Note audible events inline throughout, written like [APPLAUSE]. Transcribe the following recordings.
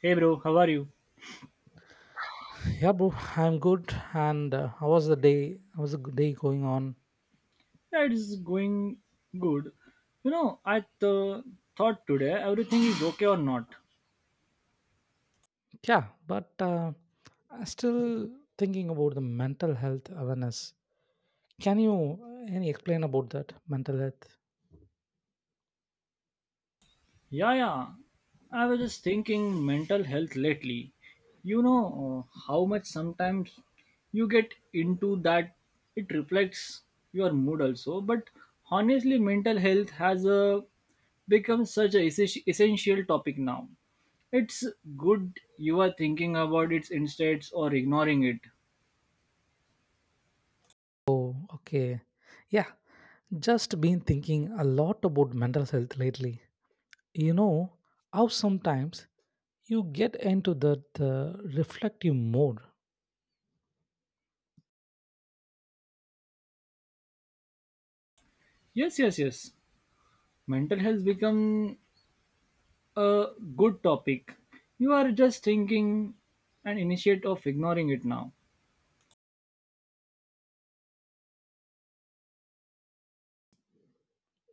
Hey bro, how are you? Yeah, bro, I'm good. And how was the day? How was the good day going on? Yeah, it is going good. You know, thought today everything is okay or not. Yeah, but I'm still thinking about the mental health awareness. Can you any explain about that mental health? Yeah, yeah. I was just thinking mental health lately. You know uh, how much sometimes you get into that it reflects your mood also. But honestly, mental health has a become such a essential topic now. It's good you are thinking about it instead or ignoring it. Oh, okay. Yeah, just been thinking a lot about mental health lately. You know how sometimes you get into that reflective mode. Yes, yes, yes. Mental health become a good topic, you are just thinking and initiate of ignoring it now.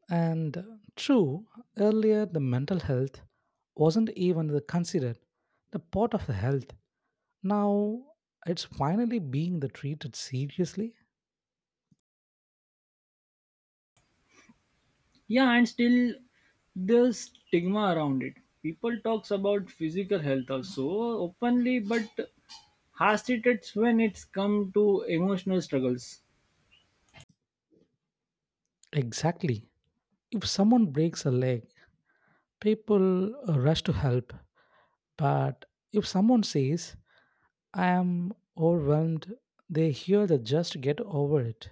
And true, earlier the mental health wasn't even the considered the part of the health. Now it's finally being the treated seriously. Yeah, and still the stigma around it, people talks about physical health also openly, but has it it's when it's come to emotional struggles. Exactly. If someone breaks a leg, people rush to help. But if someone says, I am overwhelmed, they hear the just get over it.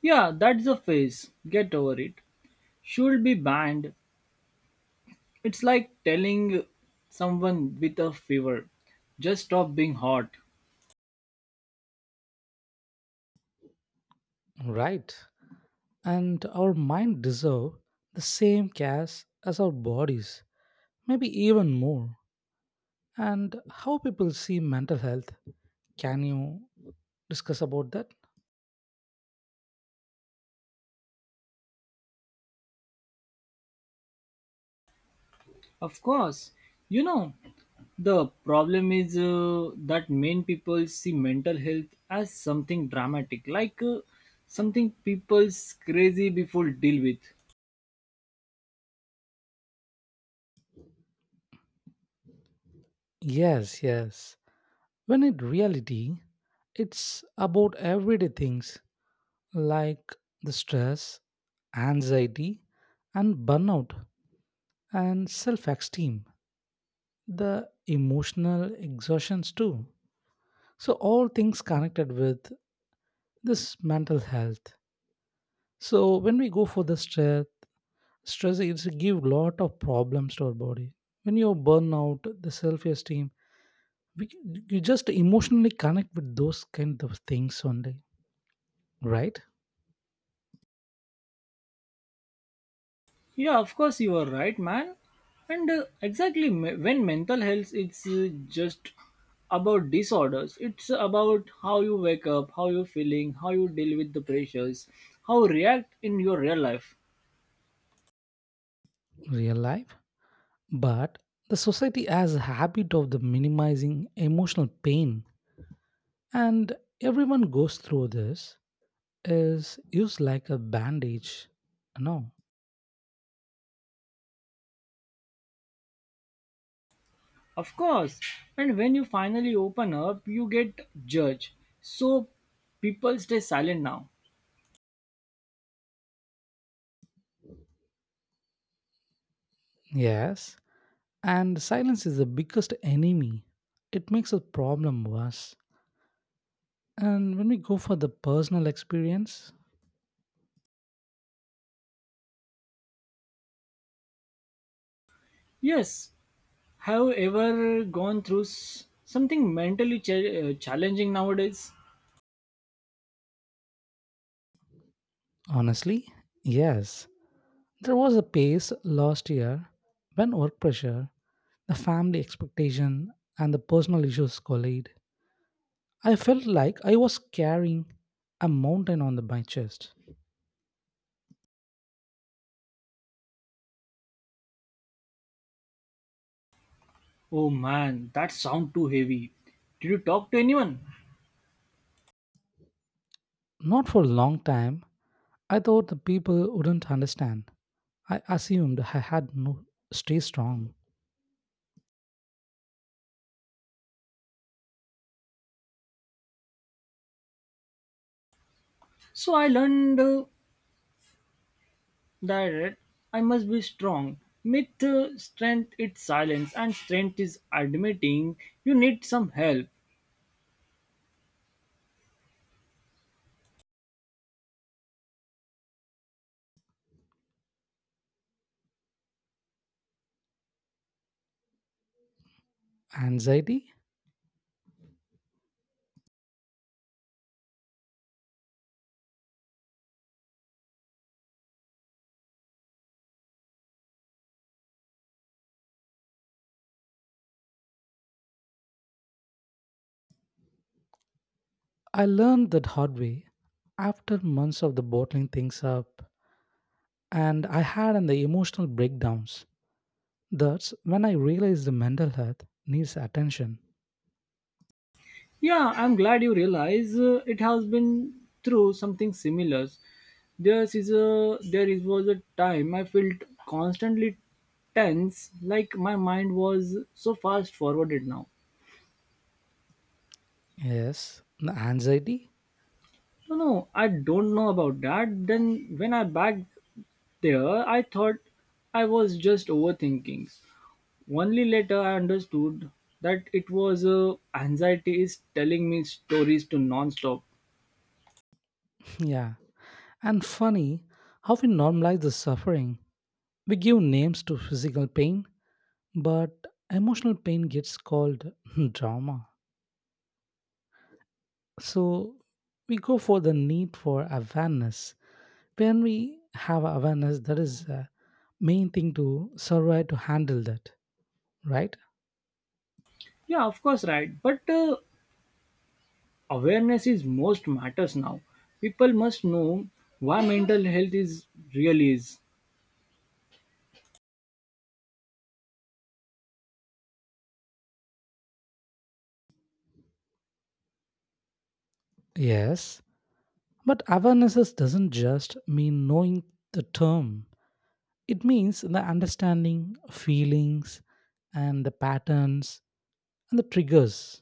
Yeah, that's a phase, get over it, should be banned. It's like telling someone with a fever just stop being hot. Right. And our mind deserve the same care as our bodies, maybe even more. And how people see mental health, can you discuss about that? Of course, you know, the problem is that main people see mental health as something dramatic, like, something people's crazy before deal with. Yes, yes. When in reality, it's about everyday things like the stress, anxiety, and burnout, and self esteem, the emotional exhaustions too. So, all things connected with this mental health. So when we go for the stress, stress is give lot of problems to our body. When you burn out, the self-esteem, we, you just emotionally connect with those kind of things only, right? Yeah, of course you are right, man. And exactly when mental health it's, just about disorders, it's about how you wake up, how you're feeling, how you deal with the pressures, how you react in your real life. Real life. But the society has a habit of the minimizing emotional pain, and everyone goes through this. Is used like a bandage. No. Of course, and when you finally open up, you get judged. So people stay silent now. Yes. And silence is the biggest enemy. It makes the problem worse. And when we go for the personal experience, Yes, have you ever gone through something mentally challenging nowadays? honestly, yes, there was a pace last year when work pressure, the family expectation, and the personal issues collide. I felt like I was carrying a mountain on the, my chest. Oh man, that sound too heavy. Did you talk to anyone? Not for a long time, I thought the people wouldn't understand. I assumed I had no stay strong. So I learned, that I must be strong. Myth, strength is silence, and strength is admitting you need some help. Anxiety? I learned that hard way after months of the bottling things up and I had an the emotional breakdowns. That's when I realized the mental health needs attention. Yeah, I'm glad you realize, it has been through something similar. There is a there is was a time I felt constantly tense, like my mind was so fast forwarded now. Yes, the anxiety. No, no, I don't know about that. Then when I back there, I thought I was just overthinking. Only later I understood that it was, anxiety is telling me stories to non-stop. [LAUGHS] Yeah, and funny how we normalize the suffering. We give names to physical pain, but emotional pain gets called [LAUGHS] drama. So we go for the need for awareness. When we have awareness, that is the main thing to survive to handle that, right? Yeah, of course, right. But awareness is most matters now. People must know why mental health is really is. Yes. But awarenesses doesn't just mean knowing the term. It means the understanding feelings and the patterns and the triggers.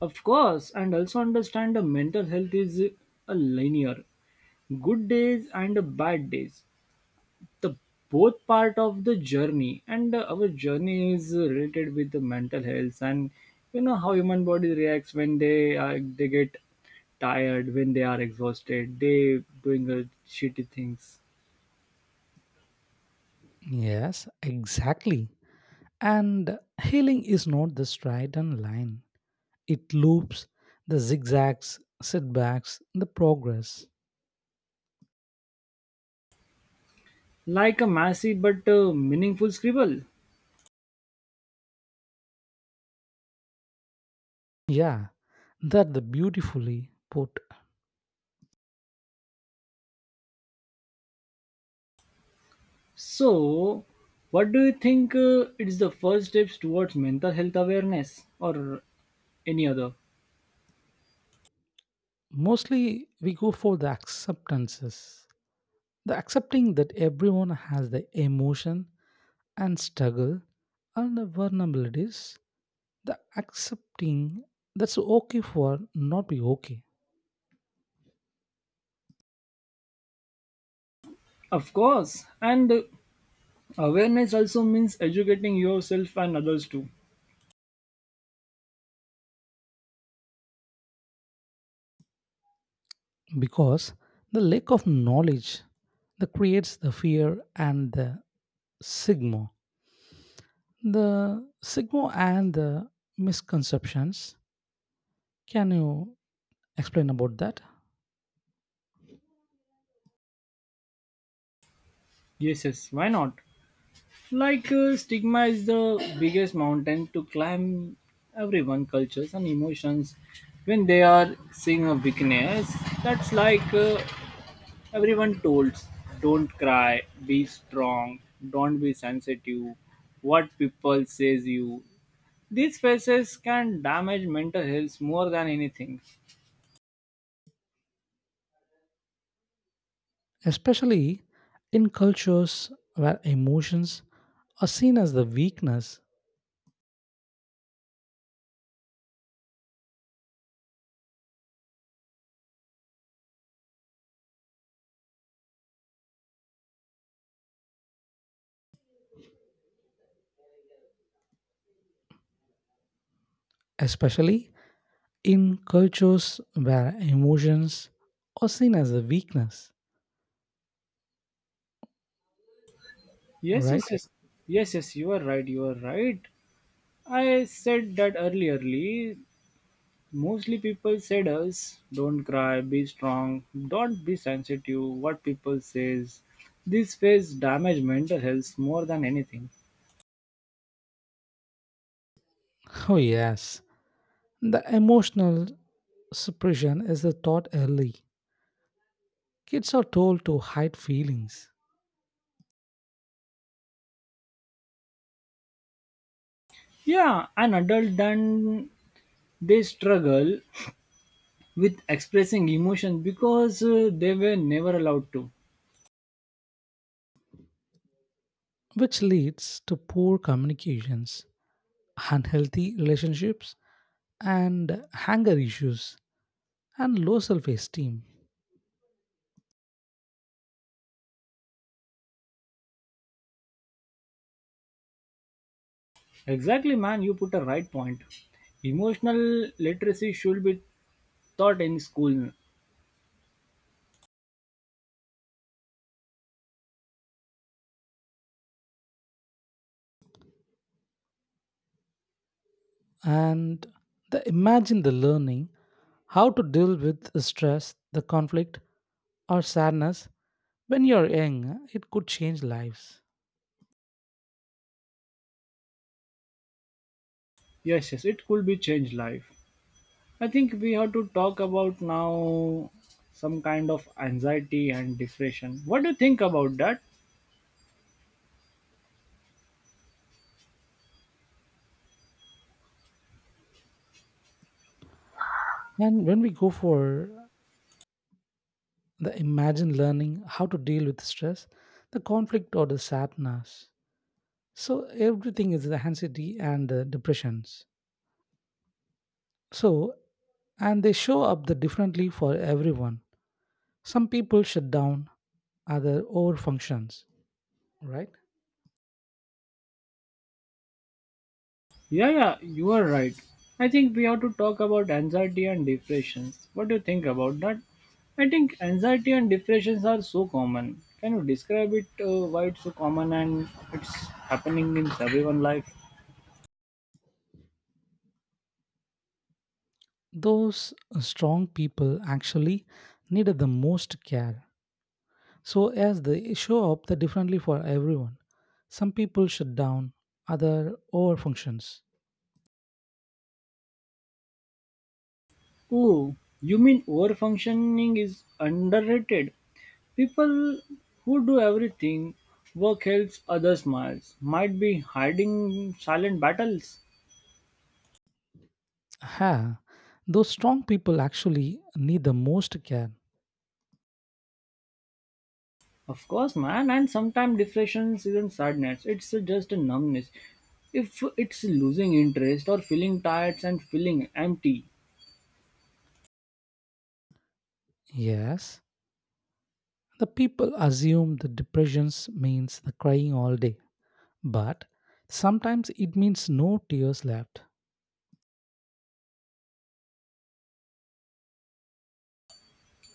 Of course, and also understand the mental health is a linear. Good days and a bad days. The both part of the journey, and our journey is related with the mental health, and you know how human body reacts when they get tired, when they are exhausted they doing, shitty things. Yes, exactly. And healing is not the straight and line. It loops the zigzags, setbacks, the progress. Like a messy but, meaningful scribble. Yeah, that the beautifully put. So, what do you think, it's the first steps towards mental health awareness or any other? Mostly we go for the acceptances. The accepting that everyone has the emotion and struggle and the vulnerabilities, the accepting that's okay for not be okay. Of course, and awareness also means educating yourself and others too. Because the lack of knowledge that creates the fear and the sigma. The sigma and the misconceptions. Can you explain about that? Yes, yes, why not? Like, stigma is the biggest mountain to climb, everyone cultures and emotions, when they are seeing a weakness, that's like, everyone told, don't cry, be strong, don't be sensitive, what people says you. These faces can damage mental health more than anything. Especially in cultures where emotions are seen as the weakness, especially in cultures where emotions are seen as a weakness, Yes, yes, right? yes. Yes, yes, you are right, you are right. I said that earlierly. Mostly people said us, don't cry, be strong, don't be sensitive, what people says. These phase damage mental health more than anything. Oh, yes. The emotional suppression is a taught early. Kids are told to hide feelings, Yeah, an adult then they struggle with expressing emotion because, they were never allowed to. which leads to poor communications, unhealthy relationships, and anger issues, and low self esteem. Exactly, man, you put a right point. Emotional literacy should be taught in school. And the, imagine the learning, how to deal with the stress, the conflict, or sadness when you're young, it could change lives. Yes, yes, it could be changed life. I think we have to talk about now some kind of anxiety and depression. What do you think about that? And when we go for the imagine learning how to deal with stress, the conflict or the sadness. So everything is the anxiety and the depressions. So and they show up the differently for everyone. Some people shut down, other over functions, right? Yeah, yeah, you are right. I think we have to talk about anxiety and depressions. What do you think about that? I think anxiety and depressions are so common. Can you describe it, why it's so common and it's happening in everyone life? Those strong people actually needed the most care. So as they show up, they're differently for everyone. Some people shut down, other over functions. Oh, you mean overfunctioning is underrated? People who do everything, work helps, others smiles, might be hiding silent battles. Ha! Those strong people actually need the most care. Of course, man, and sometimes depression isn't sadness, it's just a numbness. If it's losing interest or feeling tired and feeling empty. Yes, the people assume the depressions means the crying all day, but sometimes it means no tears left.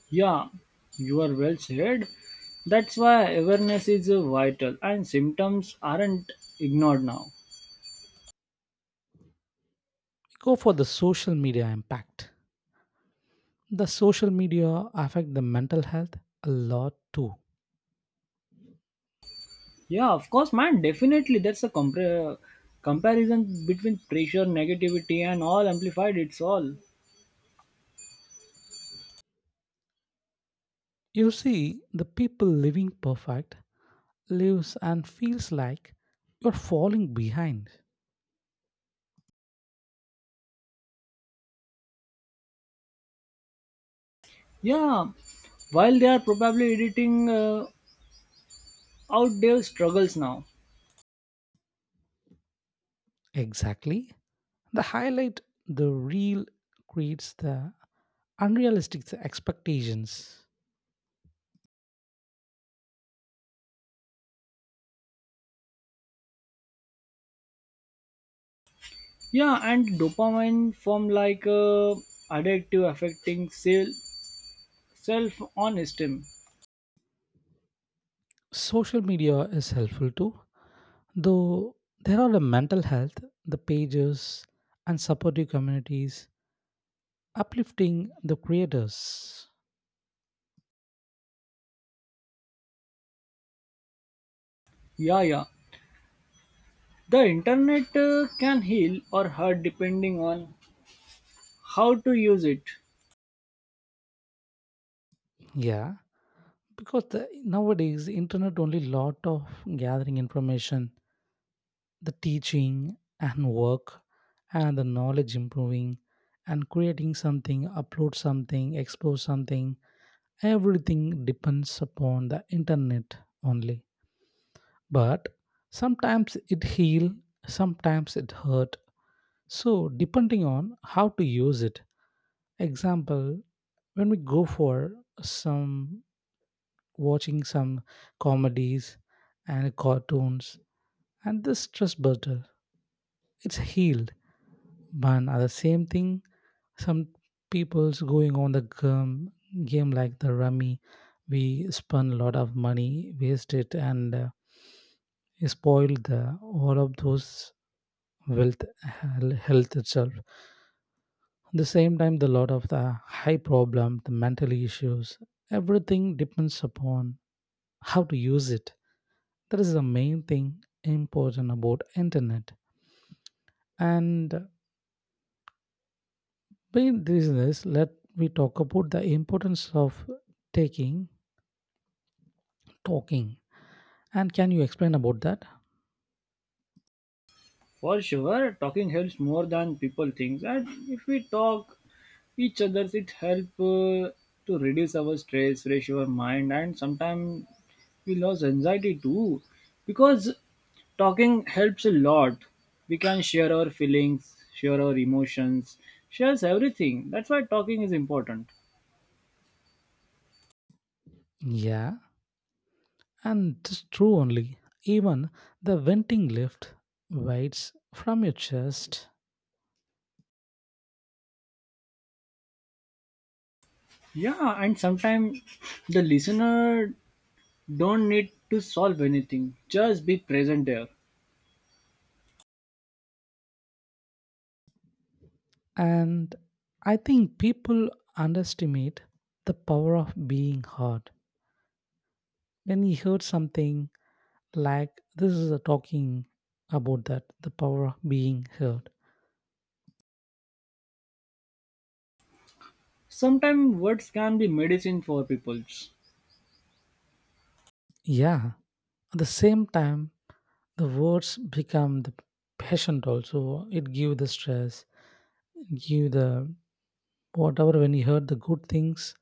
Yeah, you are well said. That's why awareness is, vital, and symptoms aren't ignored now. Go for the social media impact. The social media affect the mental health a lot too. Yeah, of course, man, definitely. That's a comparison between pressure, negativity, and all amplified. It's all. You see, the people living perfect lives and feels like you're falling behind. Yeah, while they are probably editing, out their struggles now. Exactly. The highlight, the reel creates the unrealistic expectations. Yeah, and dopamine from like, addictive affecting self on esteem. Social media is helpful too, though there are the mental health, the pages, and supportive communities uplifting the creators. Yeah, yeah. The internet, can heal or hurt depending on how to use it. Yeah, because the, nowadays internet only lot of gathering information, the teaching and work and the knowledge improving and creating something, upload something, expose something, everything depends upon the internet only. But sometimes it heal, sometimes it hurt, so depending on how to use it. Example, when we go for some watching some comedies and cartoons and this stress buster, it's healed, man, are the same thing. Some people's going on the game, game like the rummy, we spend a lot of money waste it, and spoiled the all of those wealth health itself. At the same time, the lot of the high problem, the mental issues, everything depends upon how to use it. That is the main thing important about internet. And being business, let we talk about the importance of taking, talking. And can you explain about that? For sure, talking helps more than people think. And if we talk each other, it help, to reduce our stress, fresh our mind, and sometimes we lost anxiety too, because talking helps a lot, we can share our feelings, share our emotions, shares everything, that's why talking is important. Yeah, and it's true only. Even the venting lift weights from your chest. Yeah, and sometimes the listener don't need to solve anything, just be present there. And I think people underestimate the power of being heard. When you heard something like this is a talking about that, the power of being heard. Sometimes words can be medicine for peoples. Yeah. At the same time, the words become the patient also, it give the stress, give the whatever. When you heard the good things,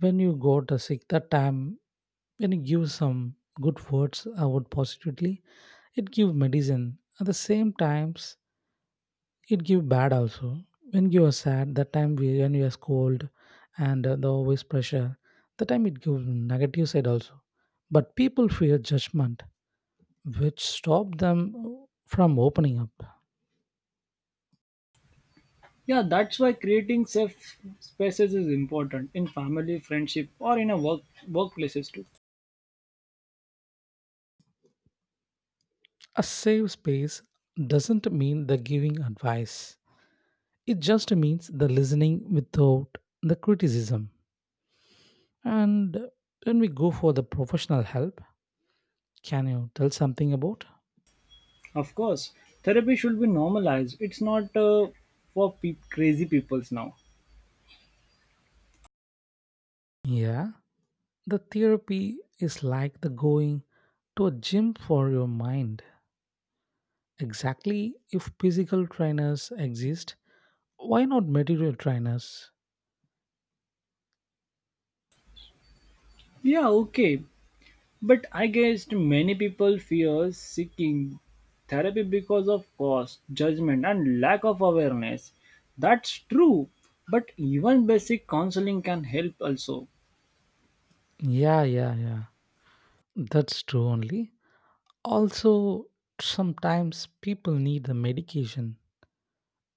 when you got a sick that time, when you give some good words out positively, it give medicine. At the same times, it give bad also. When you are sad that time when you are cold and the always pressure, that time it gives negative side also. But people fear judgment which stop them from opening up. Yeah, that's why creating safe spaces is important in family friendship or in a workplaces too. A safe space doesn't mean the giving advice. It just means the listening without the criticism. And when we go for the professional help, can you tell something about? Of course, therapy should be normalized. It's not, for crazy peoples now. Yeah, the therapy is like the going to a gym for your mind. Exactly, if physical trainers exist, why not material trainers? Yeah, okay, but I guess many people fear seeking therapy because of cost, judgment, and lack of awareness. That's true, but even basic counseling can help also. Yeah, yeah, yeah. That's true only. Also, sometimes people need the medication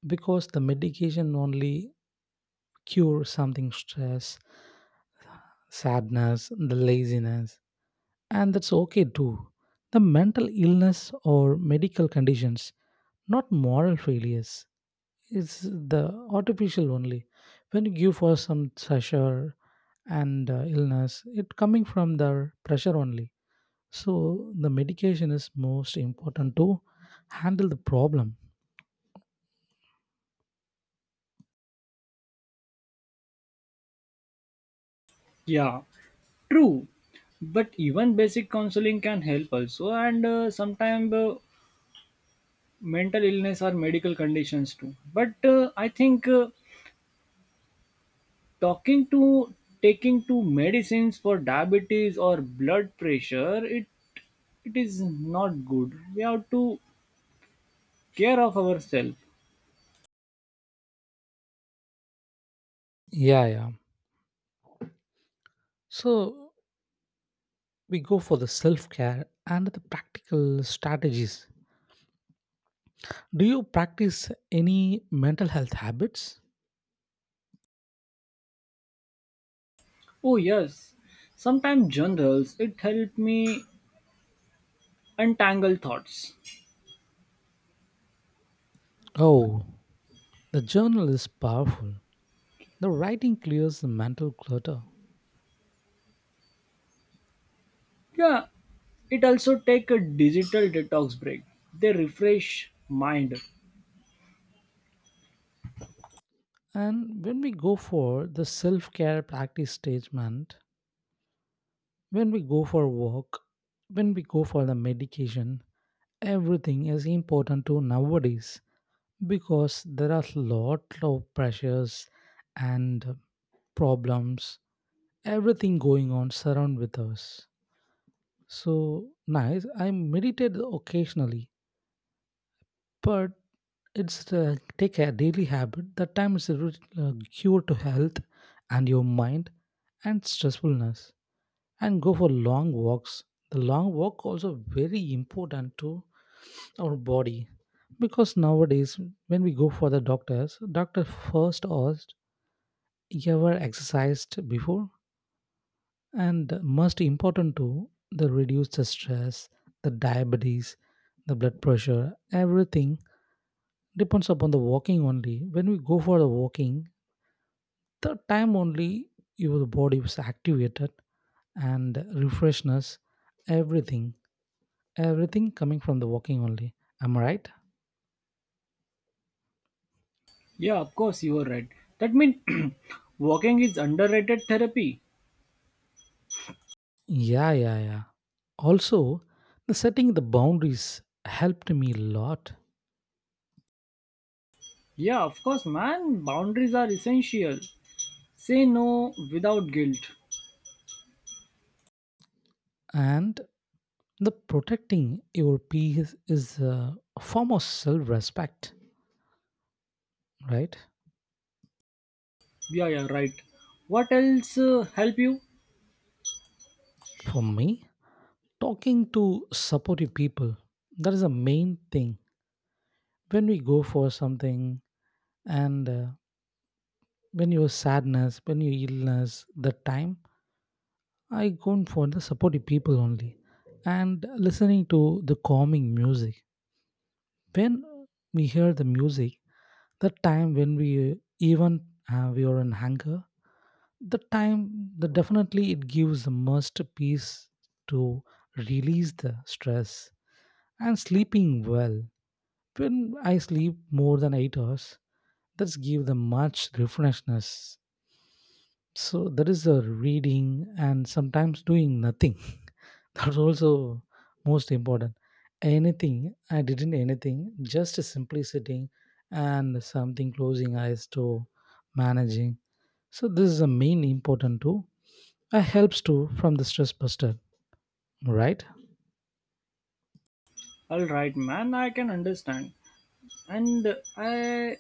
because the medication only cures something stress, sadness, the laziness, and that's okay too. The mental illness or medical conditions, not moral failures. It's the artificial only. When you give for some pressure and illness it coming from the pressure only, so the medication is most important to handle the problem. Yeah, true, but even basic counseling can help also, and, sometimes, mental illness or medical conditions too. But, I think. Talking to taking to medicines for diabetes or blood pressure, it is not good, we have to care of ourselves. Yeah, yeah. So we go for the self care and the practical strategies. Do you practice any mental health habits? Oh yes, sometimes journals it help me untangle thoughts. Oh, the journal is powerful. The writing clears the mental clutter. Yeah, it also take a digital detox break, they refresh mind. And when we go for the self care practice statement, when we go for walk, when we go for the medication, everything is important to nowadays because there are lot of pressures and problems, everything going on surround with us. So nice. I meditate occasionally, but it's take a daily habit. That time is a cure to health and your mind and stressfulness. And go for long walks. The long walk also very important to our body, because nowadays when we go for the doctors, doctor first asked, "You ever exercised before?" And most important too, the reduce the stress, the diabetes, the blood pressure, everything depends upon the walking only. When we go for the walking the time only, your body is activated and refreshness. Everything, everything coming from the walking only. Am I right? Yeah, of course you are right. That means [CLEARS THROAT] walking is underrated therapy. Yeah, yeah, yeah. Also, the setting the boundaries helped me a lot. Yeah, of course, man, boundaries are essential, say no without guilt. And the protecting your peace is a form of self-respect, right? Yeah, yeah, right. What else, help you? For me, talking to supportive people, that is the main thing. When we go for something and when your sadness, when your illness the time, I go for the supportive people only. And listening to the calming music, when we hear the music the time, when we even we are in anger the time, the definitely it gives the most peace to release the stress. And sleeping well, when I sleep more than 8 hours, that's give the much refreshness. So that is the reading and sometimes doing nothing [LAUGHS] that's also most important. Anything I didn't anything, just simply sitting and something closing eyes to managing. So this is the main important too. I helps too from the stress buster, right? All right, man, I can understand. And I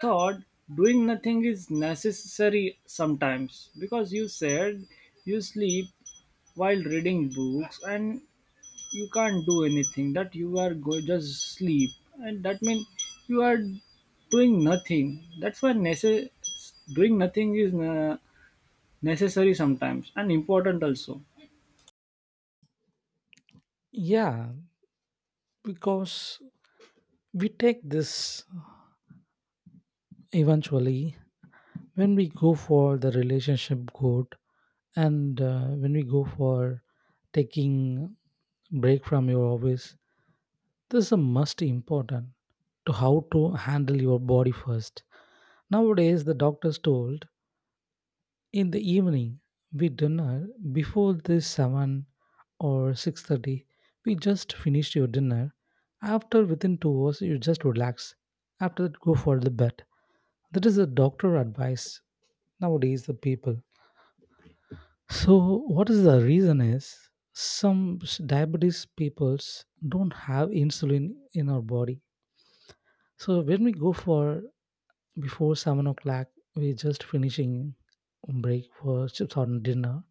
thought doing nothing is necessary sometimes, because you said you sleep while reading books, and you can't do anything, that you are go just sleep, and that means you are doing nothing. That's why doing nothing is, necessary sometimes and important also. Yeah, because we take this eventually when we go for the relationship goal, and when we go for taking break from your office, this is a must important to how to handle your body first. Nowadays, the doctors told, in the evening, we dinner before this 7 or 6:30. We just finished your dinner. After within 2 hours, you just relax. After that, go for the bed. That is the doctor advice nowadays, the people. So what is the reason is some diabetes peoples don't have insulin in our body. So when we go for before 7 o'clock, we're just finishing break for chips on dinner,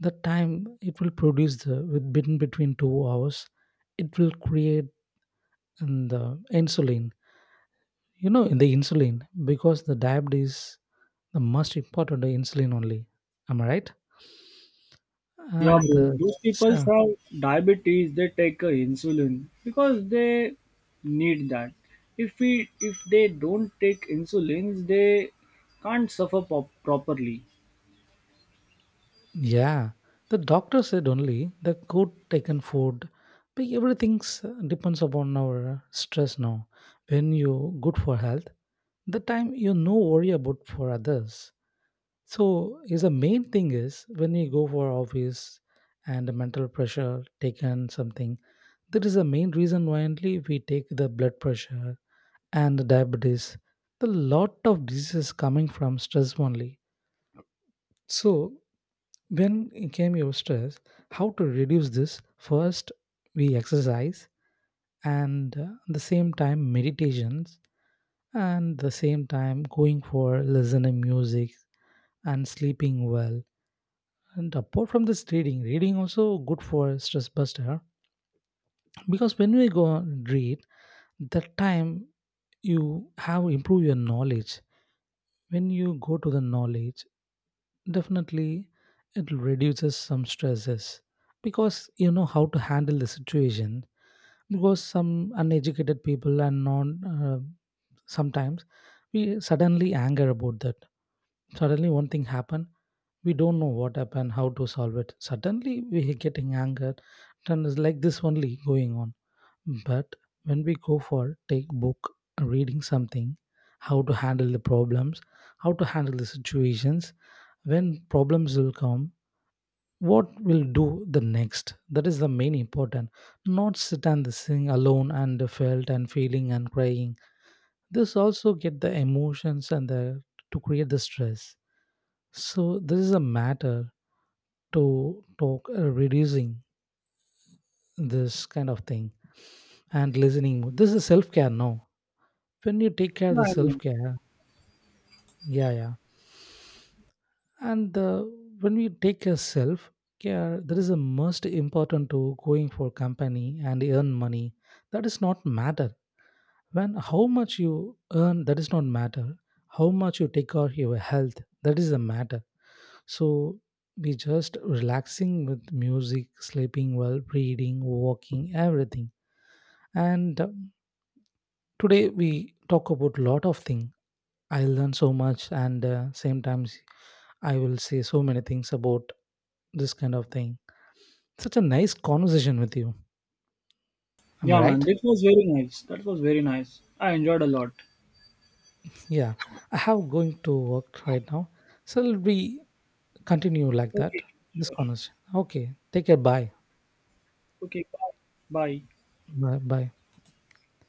the time it will produce the within between 2 hours, it will create in the insulin. You know in the insulin because the diabetes, the most important the insulin only. Am I right? Yeah, And bro. the Those people so- have diabetes. They take, insulin because they need that. If they don't take insulins, they can't suffer properly. yeah, the doctor said only the good taken food, but everything's depends upon our stress now. When you good for health the time, you no worry about for others. So is the main thing is when we go for office and the mental pressure taken something, that is the main reason why only we take the blood pressure and the diabetes. The lot of diseases coming from stress only. So when it came your stress, how to reduce this? First, we exercise and the same time meditations and the same time going for listening music and sleeping well. And apart from this reading, reading also good for stress buster, because when we go and read, that time you have improve your knowledge. When you go to the knowledge, definitely it reduces some stresses because you know how to handle the situation. Because some uneducated people and non sometimes we suddenly anger about that. Suddenly one thing happen, we don't know what happened, how to solve it, suddenly we are getting angered, and it's like this only going on. But when we go for take book reading something, how to handle the problems, how to handle the situations, when problems will come, what will do the next, that is the main important. Not sit and sing alone and felt and feeling and crying, this also get the emotions and the to create the stress. So this is a matter to talk reducing this kind of thing and listening more. This is self-care now. When you take care of Yeah, the I know. self-care, yeah, yeah, and when we take care self care, that is the most important to going for company and earn money. That is not matter when how much you earn, that is not matter. How much you take care of your health, that is the matter. So we just relaxing with music, sleeping well, reading, walking, everything. And today we talk about lot of things. I learn so much, and same times I will say so many things about this kind of thing. Such a nice conversation with you. Am I Yeah, man. right? This was very nice. That was very nice. I enjoyed a lot. Yeah, I have going to work right now. So we continue like that. Okay, This sure. conversation. Okay. Take care. Bye. Okay, bye. Bye. Bye. Bye.